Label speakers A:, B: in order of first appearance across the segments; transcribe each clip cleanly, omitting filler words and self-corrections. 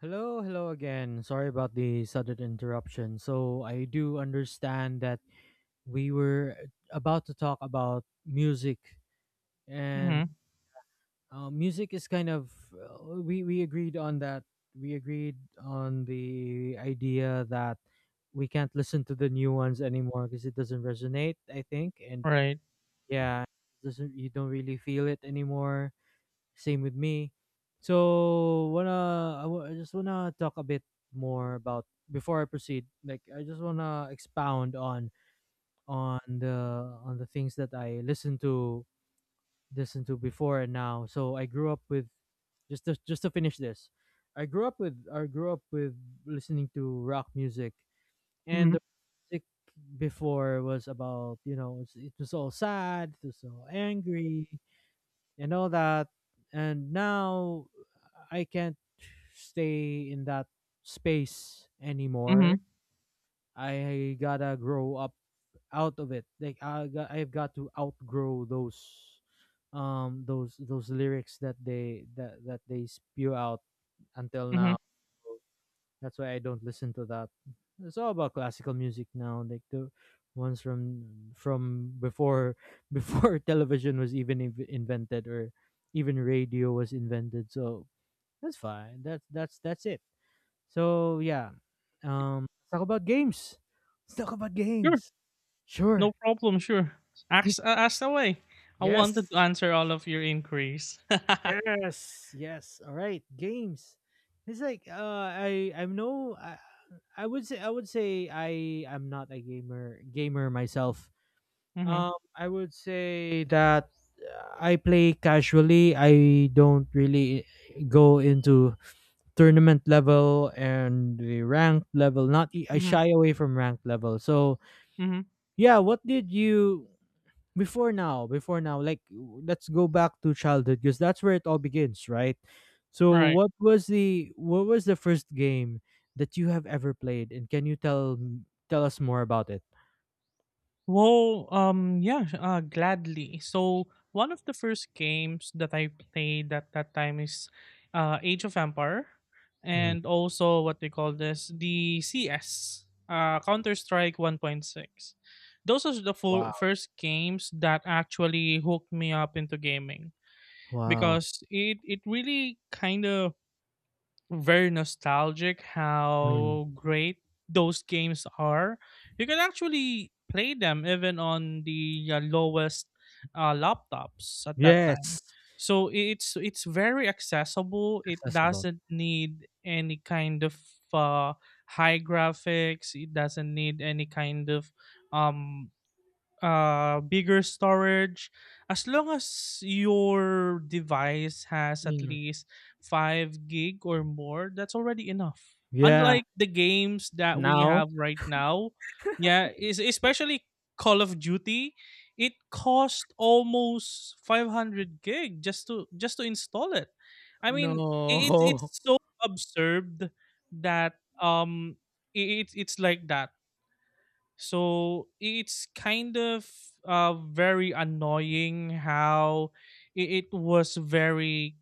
A: Hello, hello again. Sorry about the sudden interruption. So, I do understand that we were about to talk about music, and
B: Mhm,
A: music is kind of we agreed on that. We agreed on the idea that we can't listen to the new ones anymore because it doesn't resonate, I think. And
B: right.
A: yeah, doesn't you don't really feel it anymore. Same with me. So I just wanna talk a bit more about before I proceed. Like I just wanna expound on on the things that I listened to before and now. So I grew up with just to finish this. I grew up with listening to rock music and
B: Mhm,
A: the music before was about it was all sad, it was all angry and all that. And now I can't stay in that space anymore.
B: mhm,
A: I gotta grow up out of it. Like I've got to outgrow those those lyrics that they that they spew out until
B: mhm.
A: now. That's why I don't listen to that. It's all about classical music now, like the ones from before before television was even invented or even radio was invented. So that's fine. That's that's it. So yeah, let's talk about games. Let's talk about
B: Sure,
A: games.
B: no
A: Sure.
B: problem, sure. Ask away. I wanted to
A: Yes.
B: answer all of your inquiries.
A: Yes. Yes. All right. Games. It's like I I'm no I, I would say I am not a gamer myself.
B: Mhm,
A: I would say that I play casually. I don't really go into tournament level and the ranked level. Not e- I
B: mhm,
A: shy away from ranked level. So
B: mhm,
A: yeah, what did you before now? Before now, like let's go back to childhood because that's where it all begins, right? So,
B: right.
A: what was the first game that you have ever played, and can you tell us more about it?
B: Well, yeah, gladly. So one of the first games that I played at that time is Age of Empire,
A: Mm.
B: and also what they call this the CS, Counter Strike 1.6. Those are the fo-
A: Wow,
B: first games that actually hooked me up into gaming
A: wow.
B: because it really kind of very nostalgic
A: Mm.
B: how great those games are. You can actually play them even on the lowest laptops at that time.
A: Yes,
B: So it's very accessible. It
A: accessible.
B: doesn't need any kind of uh, high graphics. It doesn't need any kind of um bigger storage. As long as your device has at
A: Mm.
B: least 5 gig or more, that's already enough.
A: Yeah.
B: Unlike the games that we
A: Now,
B: have right now, yeah, is especially Call of Duty, it cost almost 500 gig just to install it. I mean, it,
A: no.
B: it's so absurd that it's like that, so it's kind of very annoying how it was very,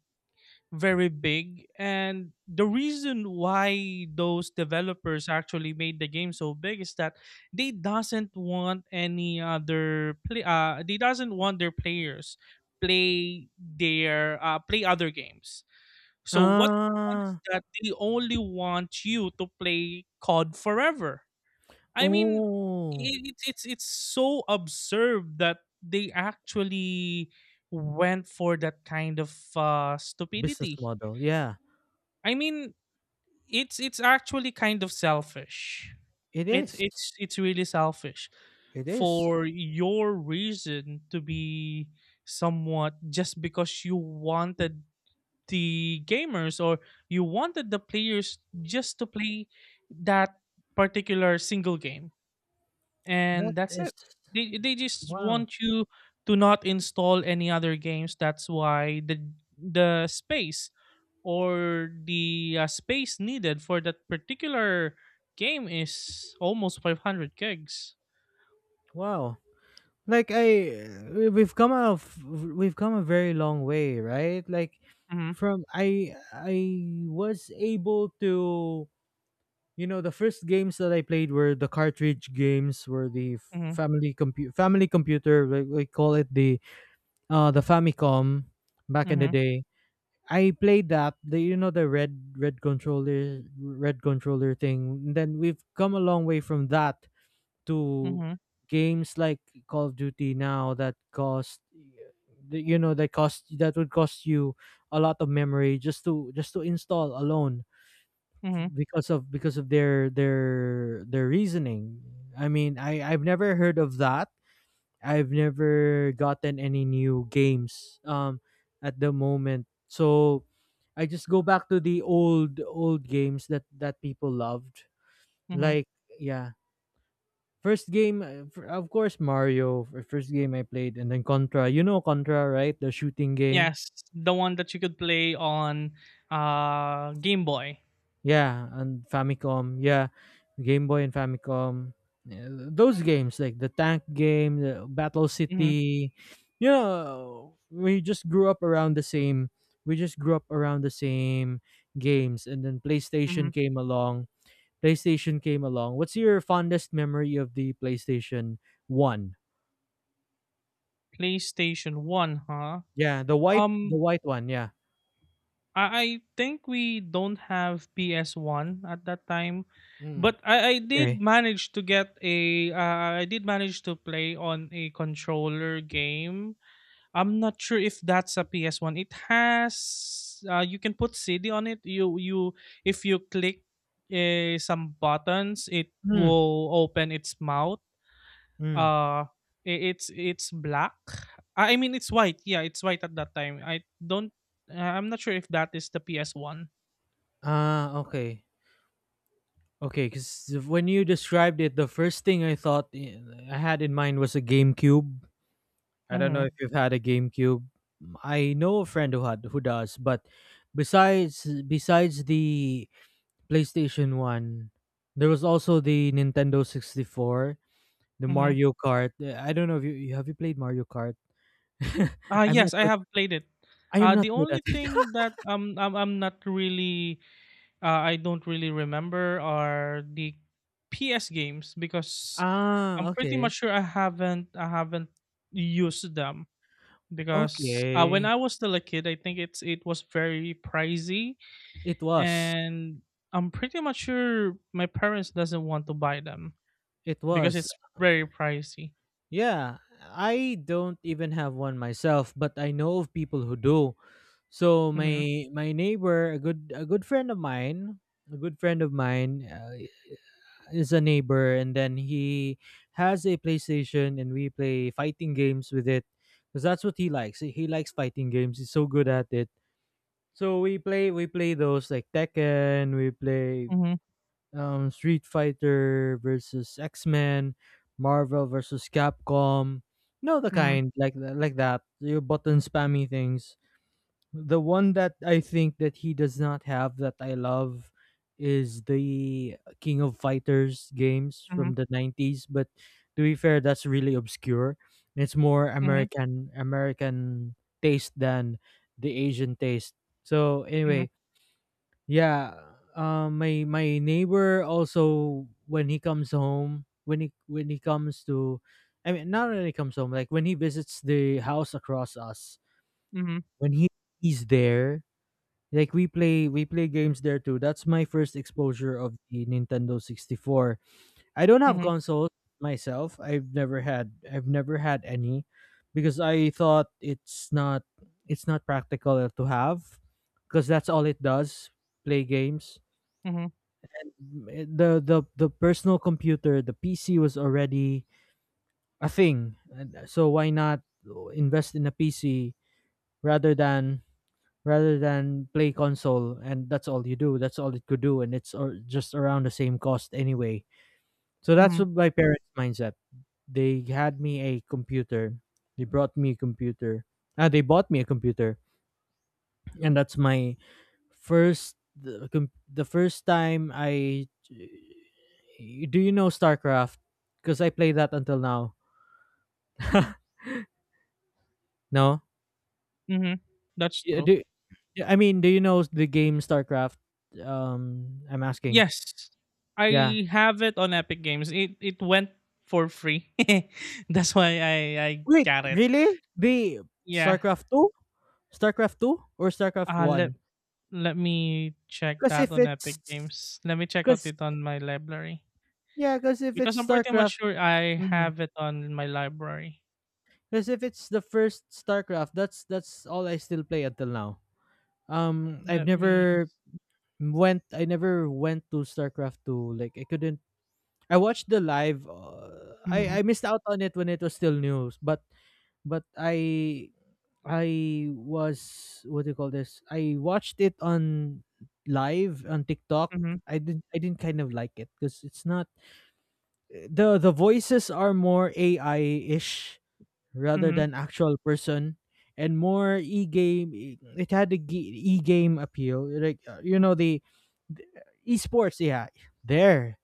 B: very big. And the reason why those developers actually made the game so big is that they doesn't want any other play. They doesn't want their players play their play other games. So what they want is
A: Ah,
B: that they only want you to play COD forever. I mean,
A: oh,
B: it, it's so absurd that they actually went for that kind of
A: business
B: stupidity.
A: model. Yeah,
B: I mean, it's actually kind of selfish.
A: it
B: It's
A: is.
B: it's it's really selfish
A: It is.
B: for your reason to be somewhat just because you wanted the gamers, or you wanted the players just to play that particular single game,
A: That
B: and that's
A: is
B: it. They just
A: wow.
B: want you to not install any other games. That's why the space, or the space needed for that particular game is almost 500 gigs.
A: Wow. Like I we- have come out of, f- we've come a very long way, right? Like
B: Mhm.
A: from I was able to you know the first games that I played were the cartridge games were the
B: Mhm.
A: family computer like we call it the Famicom back in the
B: Mhm.
A: day. I played that the you know the red controller thing. Then we've come a long way from that to
B: Mhm.
A: games like Call of Duty now that cost you know that would cost you a lot of memory just to install alone
B: Mhm.
A: because of their their reasoning. I mean, I I've never heard of that. I've never gotten any new games at the moment. So I just go back to the old games that people loved.
B: Mhm.
A: Like yeah, first game, of course, Mario. First game I played, and then Contra. You know Contra, right? The shooting game.
B: Yes, the one that you could play on Game Boy.
A: Yeah, and Famicom. Yeah, Game Boy and Famicom. Yeah, those games, like the tank game, the Battle
B: Mhm.
A: City. You know, We just grew up around the same games, and then PlayStation
B: Mhm.
A: came along. PlayStation came along. What's your fondest memory of the PlayStation One?
B: PlayStation 1, huh?
A: Yeah, the
B: Um
A: white one. Yeah.
B: I think we don't have PS1 at that time. But I did
A: Okay.
B: manage to get a I did manage to play on a controller game. I'm not sure if that's a PS1. It has you can put CD on it. You if you click some buttons, it
A: Hmm.
B: will open its mouth.
A: Hmm.
B: Uh, i- it's it's black. I mean, it's white. Yeah, it's white at that time. I don't. I'm not sure if that is the PS One.
A: Ah, okay. Okay, because when you described it, the first thing I thought I had in mind was a GameCube. I don't know if
B: Mm-hmm.
A: you've had a GameCube. I know a friend who had who does, but besides the PlayStation One, there was also the Nintendo 64, the
B: Mm-hmm.
A: Mario Kart. I don't know if have you played Mario Kart.
B: Uh
A: I'm not
B: yes, I
A: good.
B: have played it.
A: I am
B: Uh
A: not
B: the
A: good at
B: only
A: it.
B: thing that I'm not really I don't really remember are the PS games because
A: Ah,
B: I'm pretty
A: okay,
B: much sure I haven't used them. Because when
A: okay.
B: I was still a kid, I think it was very pricey,
A: It was.
B: and I'm pretty much sure my parents doesn't want to buy them
A: It
B: because
A: was.
B: it's very pricey.
A: Yeah, I don't even have one myself, but I know of people who do. So
B: Mm-hmm.
A: my neighbor, a good friend of mine, a good friend of mine is a neighbor, and then he has a PlayStation, and we play fighting games with it, cuz that's what he likes. He likes fighting games. He's so good at it. So we play those like Tekken, we play
B: Mm-hmm.
A: Street Fighter versus X Men, Marvel versus Capcom. You know the
B: Mm-hmm.
A: like that. Your button spammy things. The one that I think that he does not have that I love is the King of Fighters games
B: Mm-hmm.
A: from 90s. But to be fair, that's really obscure. It's more American taste than the Asian taste. So
B: Mm-hmm.
A: anyway, yeah, my neighbor also when when he comes to, I mean, not when he comes home, like when he visits the house across us,
B: Mm-hmm. Mm-hmm.
A: when he he's there, like we play games there too. That's my first exposure of the Nintendo 64. I don't have
B: Mm-hmm.
A: consoles myself. I've never had any, because I thought it's not practical to have, because that's all it does, play games.
B: Mm-hmm.
A: The personal computer, the PC was already a thing. And so why not invest in a PC rather than play console and that's all you do. That's all it could do, and it's or just around the same cost anyway. So that's
B: Mm-hmm.
A: what my parents' mindset. They had me a computer. They brought me a computer. Ah, they bought me a computer and that's my first the first time I do you know StarCraft? Because I play that until now. No.
B: Mm-hmm. That's
A: Yeah,
B: true.
A: do yeah, I mean, do you know the game StarCraft? I'm asking.
B: Yes,
A: Yeah.
B: I have it on Epic Games. It went for free. That's why I
A: Wait,
B: got it.
A: really? The
B: Yeah.
A: StarCraft two, StarCraft two, or StarCraft
B: Uh, let
A: one?
B: let me check
A: Because
B: that
A: if
B: on
A: it's,
B: Epic Games. Let me check out
A: because
B: it on my library
A: yeah, because if
B: because
A: it's
B: I'm pretty much
A: StarCraft,
B: sure I have it on my library.
A: because if it's the first StarCraft, that's all I still play until now. Um, I've
B: Let me.
A: never I never went to StarCraft two. Like I couldn't I watched the live,
B: Mm-hmm,
A: I missed out on it when it was still new, but but I I was, what do you call this? I watched it on live on TikTok.
B: mm-hmm,
A: I didn't kind of like it because it's not the voices are more AI-ish rather
B: mm-hmm,
A: than actual person, and more it had the e-game appeal, like you know the esports, yeah there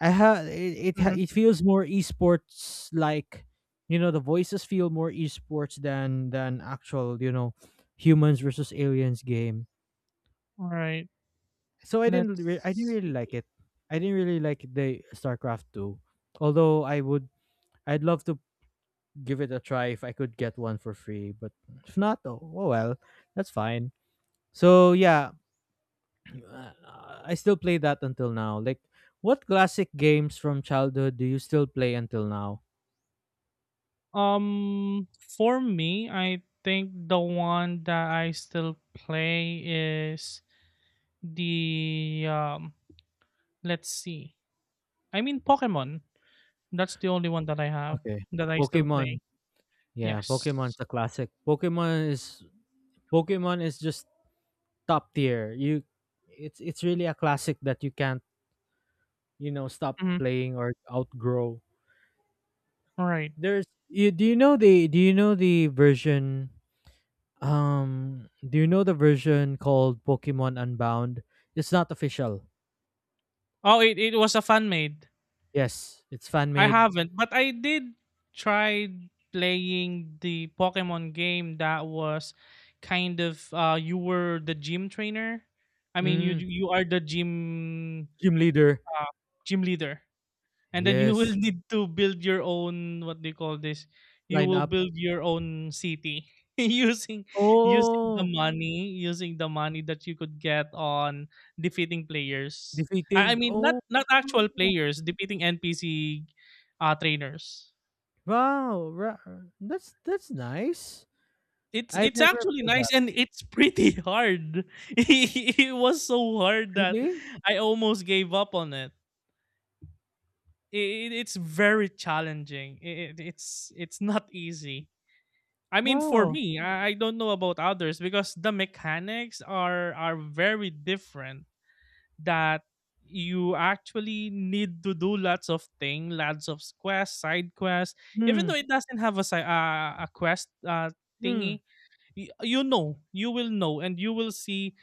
A: I have it,
B: mm-hmm.
A: it feels more esports like, you know, the voices feel more esports than actual, you know, humans versus aliens game.
B: All right.
A: So I didn't
B: Let's
A: really like
B: see.
A: it. I didn't really like the StarCraft two. Although I would, I'd love to give it a try if I could get one for free. But if not, oh, oh well, that's fine. So yeah, uh, I still play that until now. Like, what classic games from childhood do you still play until now?
B: Um, for me, I think the one that I still play is the Let's see. I mean, Pokemon. That's the only one that I have
A: Okay.
B: that I still
A: Pokemon.
B: play.
A: Yeah, Pokemon's
B: Yes.
A: the classic. Pokemon is just top tier. You it's really a classic that you can't, you know, stop
B: Mm-hmm.
A: playing or outgrow.
B: Right.
A: There's you do you know the do you know the version do you know the version called Pokemon Unbound? It's not official.
B: Oh, it was a fan made.
A: Yes, it's fan
B: I
A: made.
B: haven't, but I did try playing the Pokemon game that was kind of you were the gym trainer. I mean you
A: Mm,
B: you are the
A: gym leader.
B: uh, gym leader. And then you will
A: Yes.
B: need to build your own what do you call this? You
A: Line
B: will
A: up.
B: build your own city using using the
A: Oh,
B: money, using the money that you could get on defeating players. I, I
A: defeating.
B: mean not
A: Oh.
B: not actual players, defeating NPC trainers.
A: Wow, ra- that's nice.
B: It's
A: I've
B: it's
A: never
B: actually
A: played that.
B: nice and it's pretty hard. It was so hard that
A: Really?
B: I almost gave up on it. It's very challenging. It's not easy. I mean, for
A: Wow.
B: me, I don't know about others because the mechanics are very different. That you actually need to do lots of thing, lots of quests, side quests. Even
A: Hmm.
B: though it doesn't have a a quest
A: Hmm.
B: thingy, you will know, and you will see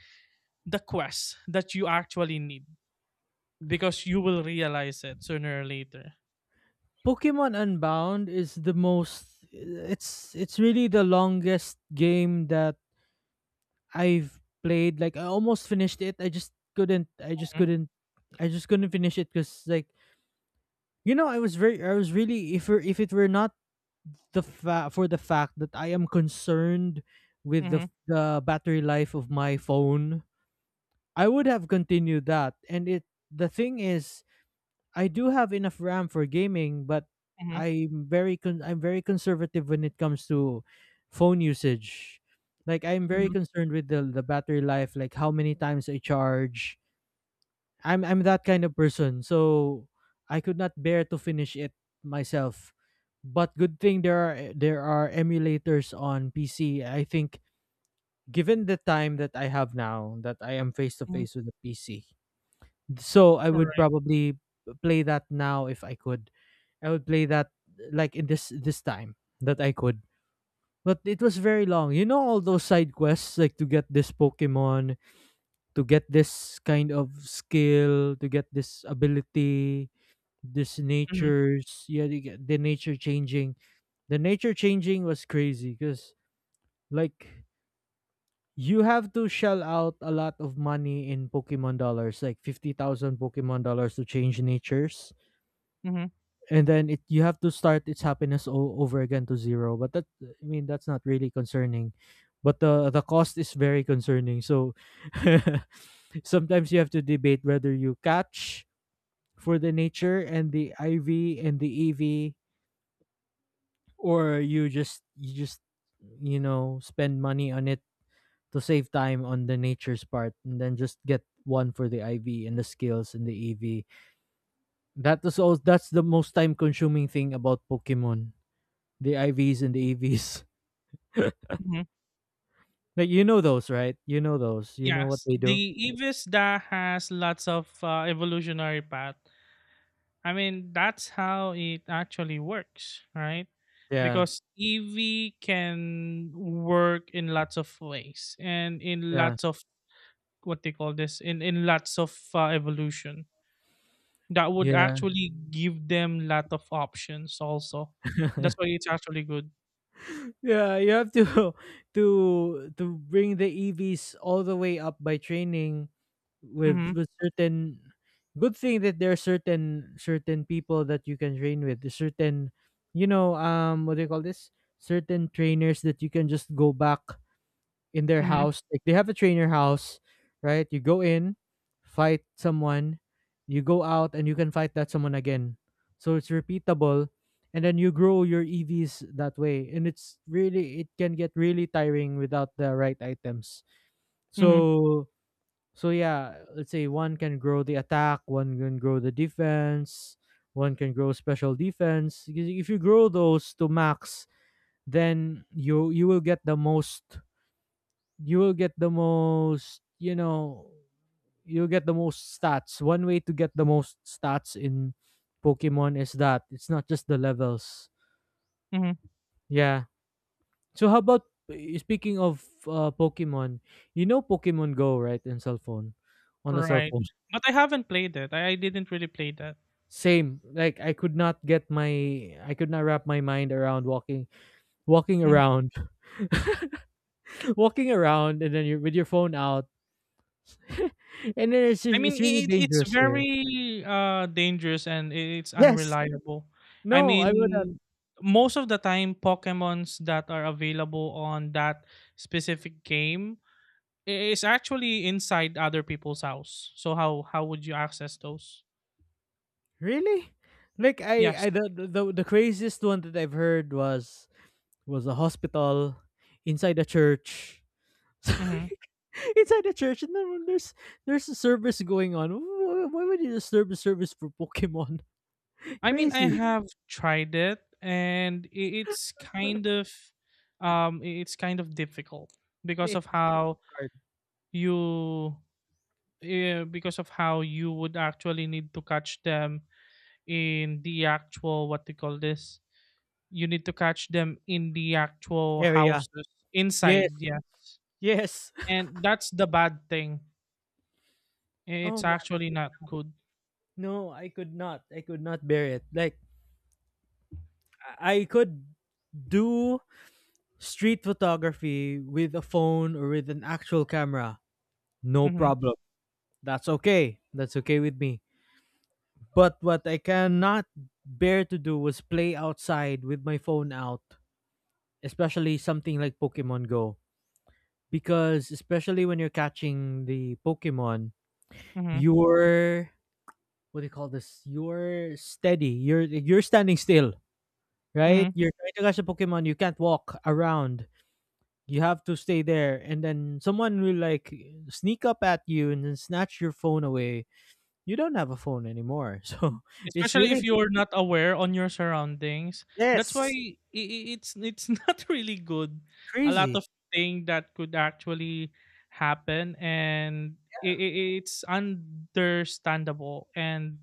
B: the quests that you actually need because you will realize it sooner or later.
A: Pokemon Unbound is the most. It's really the longest game that I've played. Like I almost finished it. Couldn't. I just couldn't. I just couldn't finish it because, like, you know, I was really, if it were not for the fact that I am concerned with
B: Mm-hmm,
A: the battery life of my phone, I would have continued that. And it the thing is, I do have enough RAM for gaming, but
B: mm-hmm,
A: I'm very conservative when it comes to phone usage. Like I'm very
B: mm-hmm,
A: concerned with the battery life, like how many times I charge. I'm that kind of person, so I could not bear to finish it myself. But good thing there are emulators on PC. I think given the time that I have now that I am face to
B: mm-hmm.
A: face with the PC, so I
B: All
A: would
B: right.
A: probably play that now if I could. I would play that like in this time that I could. But it was very long. You know all those side quests, like to get this Pokemon, to get this kind of skill, to get this ability, this
B: Mm-hmm,
A: natures, yeah, you get the nature changing. The nature changing was crazy cuz like you have to shell out a lot of money in Pokemon dollars, like 50,000 Pokemon dollars to change natures,
B: mm-hmm,
A: and then it you have to start its happiness all over again to zero. But that I mean, that's not really concerning, but the cost is very concerning. So sometimes you have to debate whether you catch for the nature and the iv and the ev, or you just spend money on it to save time on the nature's part, and then just get one for the iv and the skills and the ev. That is all, that's the most time consuming thing about pokemon, the IVs and the EVs.
B: mm-hmm.
A: Like, you know those, right? You know those. You know what
B: Yes,
A: they
B: the
A: do.
B: EVIS that has lots of evolutionary path. I mean, that's how it actually works, right?
A: Yeah.
B: Because Eevee can work in lots of ways and in
A: Yeah.
B: lots of what they call this in lots of evolution that would
A: Yeah.
B: actually give them lot of options. Also, that's why it's actually good.
A: Yeah, you have to to bring the EVs all the way up by training with
B: Mm-hmm.
A: certain, good thing that there are certain people that you can train with. Certain, what do you call this? Certain trainers that you can just go back in their
B: Mm-hmm.
A: house. Like, they have a trainer house, right? You go in, fight someone, you go out, and you can fight that someone again. So it's repeatable, and then you grow your EVs that way. And it's really it can get really tiring without the right items.
B: Mm-hmm.
A: So so yeah, let's say one can grow the attack, one can grow the defense, one can grow special defense. Because if you grow those to max, then you will get the most, you will get the most, you'll get the most stats. One way to get the most stats in pokemon is that it's not just the levels.
B: Mm-hmm.
A: Yeah. So how about, speaking of pokemon, you know, pokemon go, right? In cell phone, on the cell
B: Right,
A: phone.
B: but I haven't played it. I didn't really play that.
A: Same, like I could not wrap my mind around walking
B: Mm-hmm.
A: around, walking around, and then you're with your phone out, and then it's
B: I mean,
A: it's really
B: it's
A: dangerous here.
B: very dangerous, and it's
A: Yes,
B: unreliable. I
A: no, I would not.
B: mean, most of the time, Pokemons that are available on that specific game is actually inside other people's house. So how would you access those?
A: Really? Like I
B: Yes.
A: I the craziest one that I've heard was a hospital inside a church. So,
B: Hmm.
A: like, inside a church, and then when there's a service going on. Why would you disturb the service for Pokemon?
B: I mean, I
A: Crazy.
B: have tried it, and it's kind of it's kind of difficult because
A: It's
B: of how
A: hard.
B: you. Yeah, because of how you would actually need to catch them in the actual what do you call this? You need to catch them in the actual
A: Area.
B: houses
A: Yes.
B: inside, yes.
A: Yes.
B: And that's the bad thing.
A: Oh
B: It's
A: man.
B: actually not good.
A: No, I could not. I could not bear it. Like, I could do street photography with a phone or with an actual camera. No
B: Mm-hmm.
A: problem. That's okay. That's okay with me. But what I cannot bear to do was play outside with my phone out, especially something like Pokemon Go. Because especially when you're catching the Pokemon,
B: Mm-hmm.
A: you're, what do you call this? You're steady. You're standing still, right?
B: Mm-hmm.
A: You're trying to catch a Pokemon. You can't walk around. You have to stay there, and then someone will like sneak up at you and then snatch your phone away. You don't have a phone anymore, so it's
B: Especially
A: really,
B: if you're not aware on your surroundings. That's why i
A: yes,
B: i- it's it's not really good. A lot
A: crazy.
B: of thing that could actually happen, and it's understandable and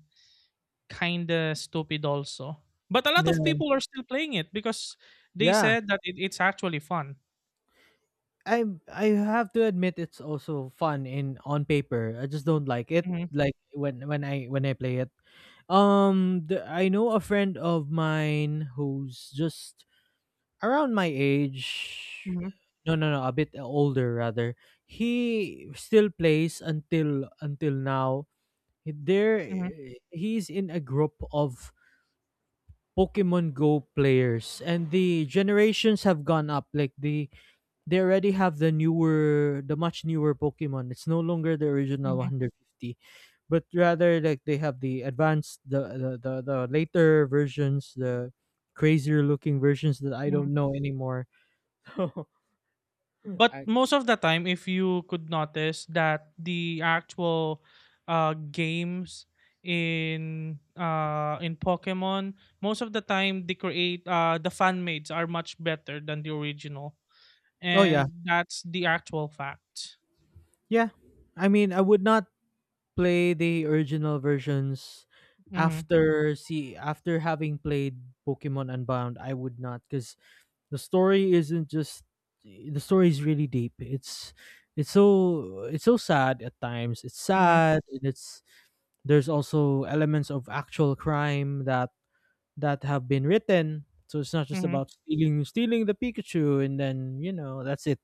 B: kind of stupid also. But a lot of
A: Yeah.
B: people are still playing it because they
A: Yeah.
B: said that it's actually fun.
A: I have to admit it's also fun in, on paper. I just don't like it,
B: Mhm,
A: like when I play it. I know a friend of mine who's just around my age.
B: mhm,
A: No, no, no, a bit older rather. He still plays until now. There
B: mhm,
A: He's in a group of Pokemon Go players, and the generations have gone up. They already have the newer, the much newer pokemon. It's no longer the original 150, but rather, like, they have the advanced, the later versions, the crazier looking versions that I
B: mhm,
A: don't know anymore.
B: but
A: I,
B: most of the time, if you could notice that the actual games in in Pokemon, most of the time they create the fan mades are much better than the original,
A: oh yeah.
B: and that's the actual fact.
A: Yeah, I mean, I would not play the original versions
B: Hmm.
A: after see after having played pokemon unbound. I would not, because the story isn't just the story is really deep. It's so sad at times. It's
B: Hmm.
A: sad, and it's, there's also elements of actual crime that have been written. So it's not just
B: Hmm.
A: about stealing the pikachu and then, you know, that's it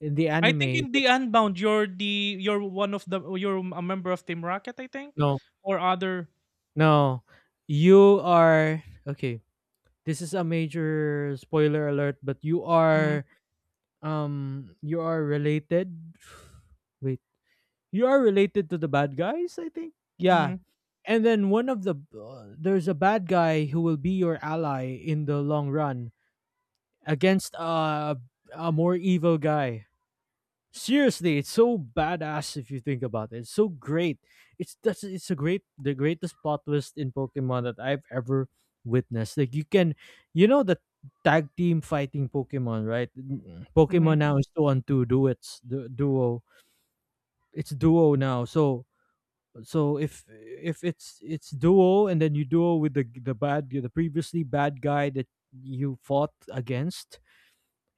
A: in the
B: I think
A: anime.
B: in
A: But
B: the Unbound, you're the you're one of the you're a member of Team Rocket, I think,
A: no,
B: or other.
A: no, you are, okay, this is a major spoiler alert, but you
B: Mm-hmm.
A: are, you are related, wait, you are related to the bad guys, I think. Yeah.
B: Hmm.
A: And then one of the, there's a bad guy who will be your ally in the long run against a more evil guy. Seriously, it's so badass if you think about it. It's so great. It's a great, the greatest plot twist in Pokemon that I've ever witnessed. Like, you can, you know the tag team fighting Pokemon, right?
B: Hmm.
A: Pokemon now is two on two duets, duo. It's duo now. So so if it's duo, and then you duo with the bad, the previously bad guy that you fought against.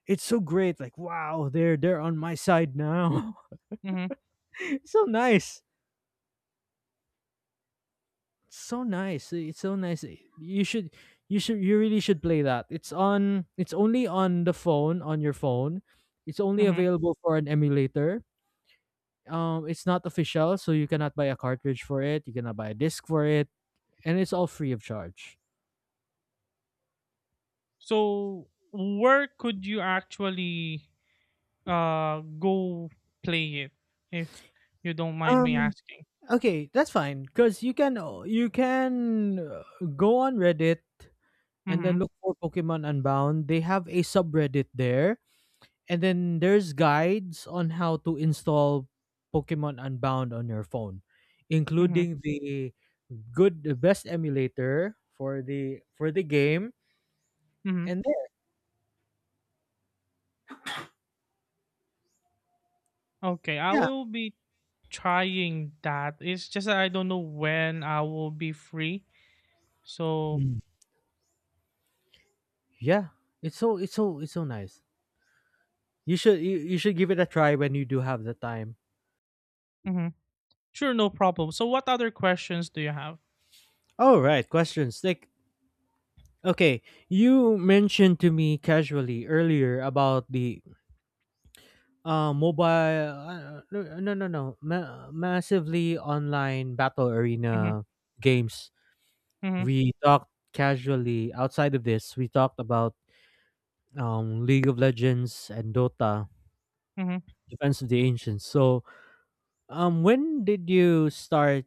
A: It's so great, like, wow, they're on my side now.
B: Hmm.
A: It's so nice. It's so nice. It's so nice. you should you should, you really should play that. It's only on the phone, on your phone. It's only
B: Hmm.
A: available for an emulator. It's not official, so you cannot buy a cartridge for it, you cannot buy a disc for it, and it's all free of charge.
B: So where could you actually go play it, if you don't mind me
A: Um,
B: asking?
A: Okay, that's fine, because you can, you can go on Reddit and then
B: Mhm.
A: look for Pokemon Unbound. They have a subreddit there, and then there's guides on how to install Pokemon Unbound on your phone,
B: Mhm.
A: including the good the best emulator for the game.
B: Mhm.
A: And then,
B: Okay, I
A: yeah,
B: will be trying that. It's just that I don't know when I will be free. So,
A: mm, yeah, it's so nice. You, you should give it a try when you do have the time.
B: mhm. Sure, no problem. So what other questions do you have?
A: All right, questions. Take, okay, you mentioned to me casually earlier about the mobile no no no no ma- massively online battle
B: Mhm.
A: arena games.
B: Mhm.
A: We talked casually outside of this. We talked about League of Legends and Dota,
B: Mhm.
A: Defense of the Ancients. So, when did you start,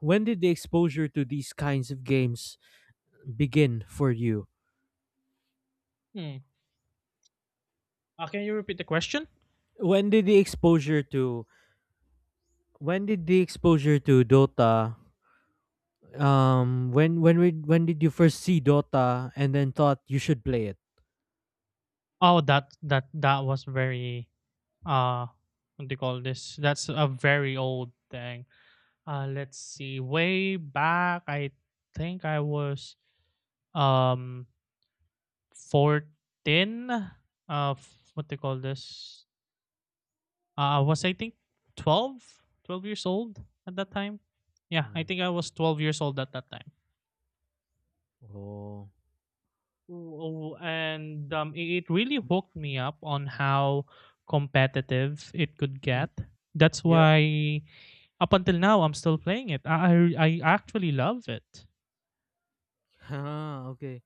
A: when did the exposure to these kinds of games begin for you?
B: Hmm. Can you repeat the question?
A: When did the exposure to When did the exposure to Dota, when did you first see Dota and then thought you should play it?
B: Oh, that was very uh what do you call this? That's a very old thing. Let's see. Way back, I think I was um 14. What they call this? I was I think 12, 12 years old at that time. Yeah, I
A: Mm.
B: think I was 12 years old at that time.
A: Oh.
B: Ooh, and it really hooked me up on how competitive it could
A: Mm.
B: get. That's
A: Yeah.
B: why up until now I'm still playing it. I actually love it.
A: Ah, okay.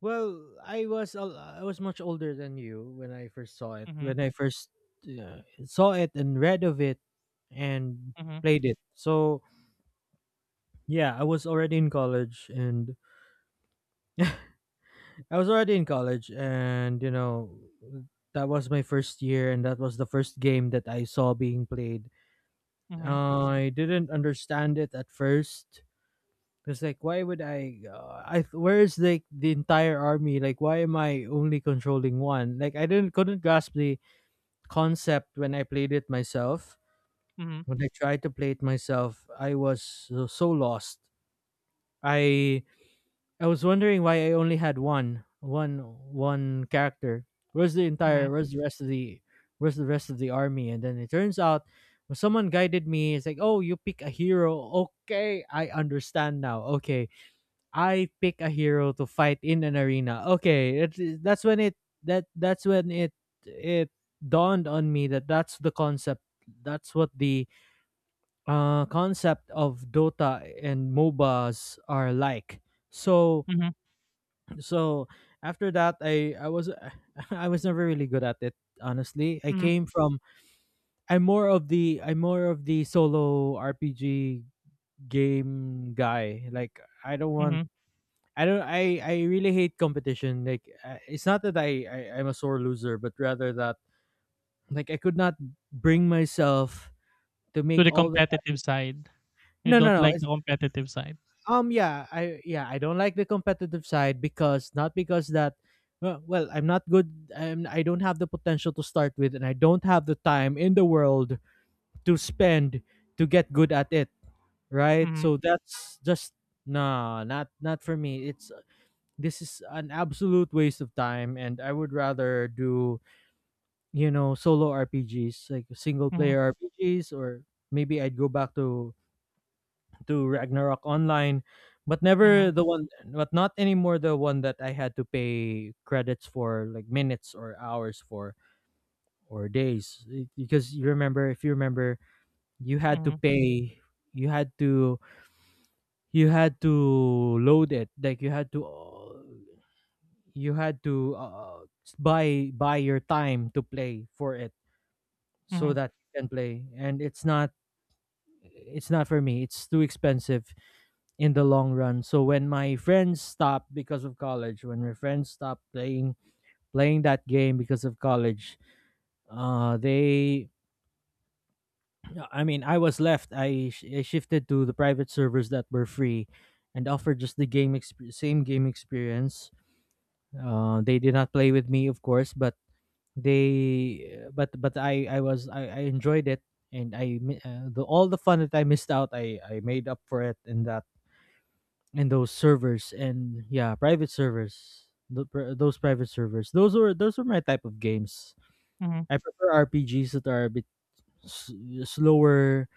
A: Well, I was much older than you when I first saw it. When
B: Mm-hmm,
A: I first saw it and read of it and
B: mm-hmm,
A: played it. So, yeah, I was already in college, and you know, that was my first year, and that was the first game that I saw being played.
B: mm-hmm,
A: I didn't understand it at first. It's like, why would I? I, where is like the entire army? Like, why am I only controlling one? Like, I didn't couldn't grasp the concept when I played it myself.
B: mm-hmm.
A: When I tried to play it myself, I was so lost. I I was wondering why I only had one character. Where's the
B: Mm-hmm.
A: entire? Where's the rest of the? Where's the rest of the army? And then it turns out, when someone guided me, it's like, oh, you pick a hero. Okay, I understand now. Okay, I pick a hero to fight in an arena. Okay, it, that's when it that that's when it dawned on me that that's the concept. That's what the concept of Dota and MOBAs are like. So
B: Mhm,
A: so after that I was I was never really good at it, honestly. I
B: mhm,
A: came from, I'm more of the solo rpg game guy. Like, I don't want
B: mhm.
A: I don't I really hate competition. Like, I- it's not that I I'm a sore loser, but rather that, like, I could not bring myself to
B: To
A: make
B: the
A: all the,
B: competitive side. You
A: no no
B: don't
A: no.
B: like the competitive side.
A: Yeah, I yeah, I don't like the competitive side, because not because that, well, I'm not good I'm, I don't have the potential to start with, and I don't have the time in the world to spend to get good at it, right?
B: Mhm,
A: So that's just no, not not for me. It's this is an absolute waste of time, and I would rather do, you know, solo RPGs, like single
B: mhm,
A: player RPGs, or maybe I'd go back to Ragnarok online,
B: mhm,
A: but not anymore the one that I had to pay credits for, like minutes or hours for or days. Because you remember, if you remember, you had to
B: mhm,
A: pay, you had to, you had to, load it, like you had to buy your time to play for it so
B: mhm,
A: that you can play. And it's not for me. It's too expensive in the long run. So when my friends stopped playing that game because of college, uh, they, I mean, I was left. I shifted to the private servers that were free, and offered just the same game experience. They did not play with me, of course, but they, but I was I enjoyed it. And I, mi- the all the fun that I missed out, I made up for it in that, and those servers. And yeah, private servers, those private servers, those were my type of games.
B: mhm,
A: I prefer rpgs that are a bit s- slower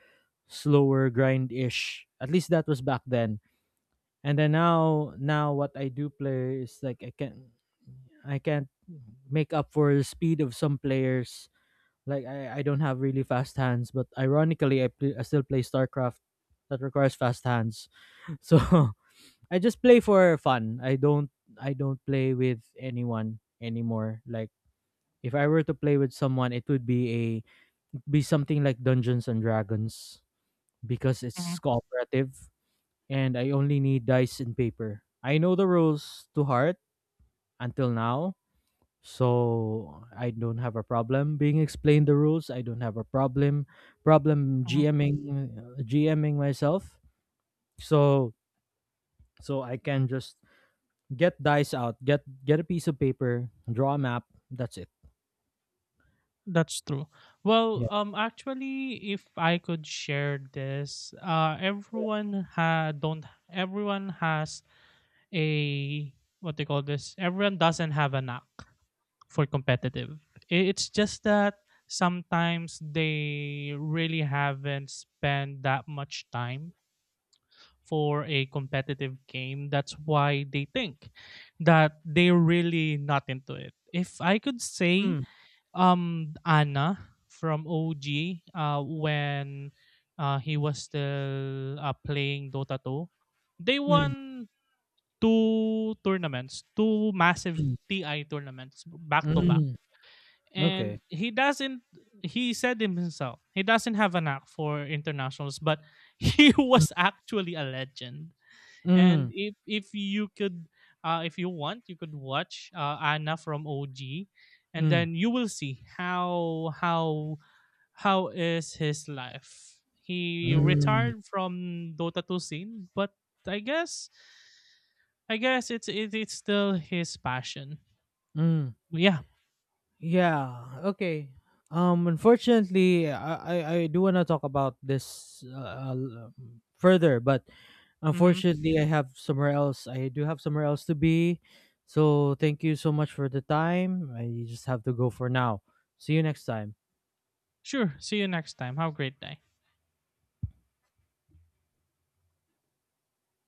A: slower, grind-ish, at least that was back then. And then now, what I do play is, like, I can I can't make up for the speed of some players. Like, I don't have really fast hands, but ironically, I still play starcraft, that requires fast hands. So I just play for fun. I don't, I don't play with anyone anymore. Like, if I were to play with someone, it would be a be something like Dungeons and Dragons, because it's
B: mhm,
A: cooperative, and I only need dice and paper. I know the rules to heart until now. So I don't have a problem being explained the rules. I don't have a problem
B: mhm.
A: GMing, GMing myself. So so I can just get dice out. Get a piece of paper. Draw a map. That's it.
B: That's true. Well,
A: Yeah.
B: actually, if I could share this, everyone ha don't everyone has a what they call this. Everyone doesn't have a knack for competitive. It's just that sometimes they really haven't spent that much time for a competitive game. That's why they think that they're really not into it. If I could say
A: Mm,
B: Anna from OG when he was still playing Dota 2, they
A: mm,
B: won 2 tournaments, 2 massive
A: mm,
B: TI tournaments back to back.
A: mm. Okay.
B: And he doesn't he said him himself, he doesn't have a knack for internationals, but he was actually a legend. And
A: Mm,
B: if you could if you want, you could watch Anna from OG, and
A: mm,
B: then you will see how is his life. He
A: mm,
B: retired from Dota 2 scene, but I guess I guess it's still his passion.
A: mm.
B: Yeah.
A: Yeah. Okay. Unfortunately, I do want to talk about this further, but
B: Mhm.
A: unfortunately, I do have somewhere else to be. So thank you so much for the time. I just have to go for now. See you next time.
B: Sure. See you next time. Have a great day.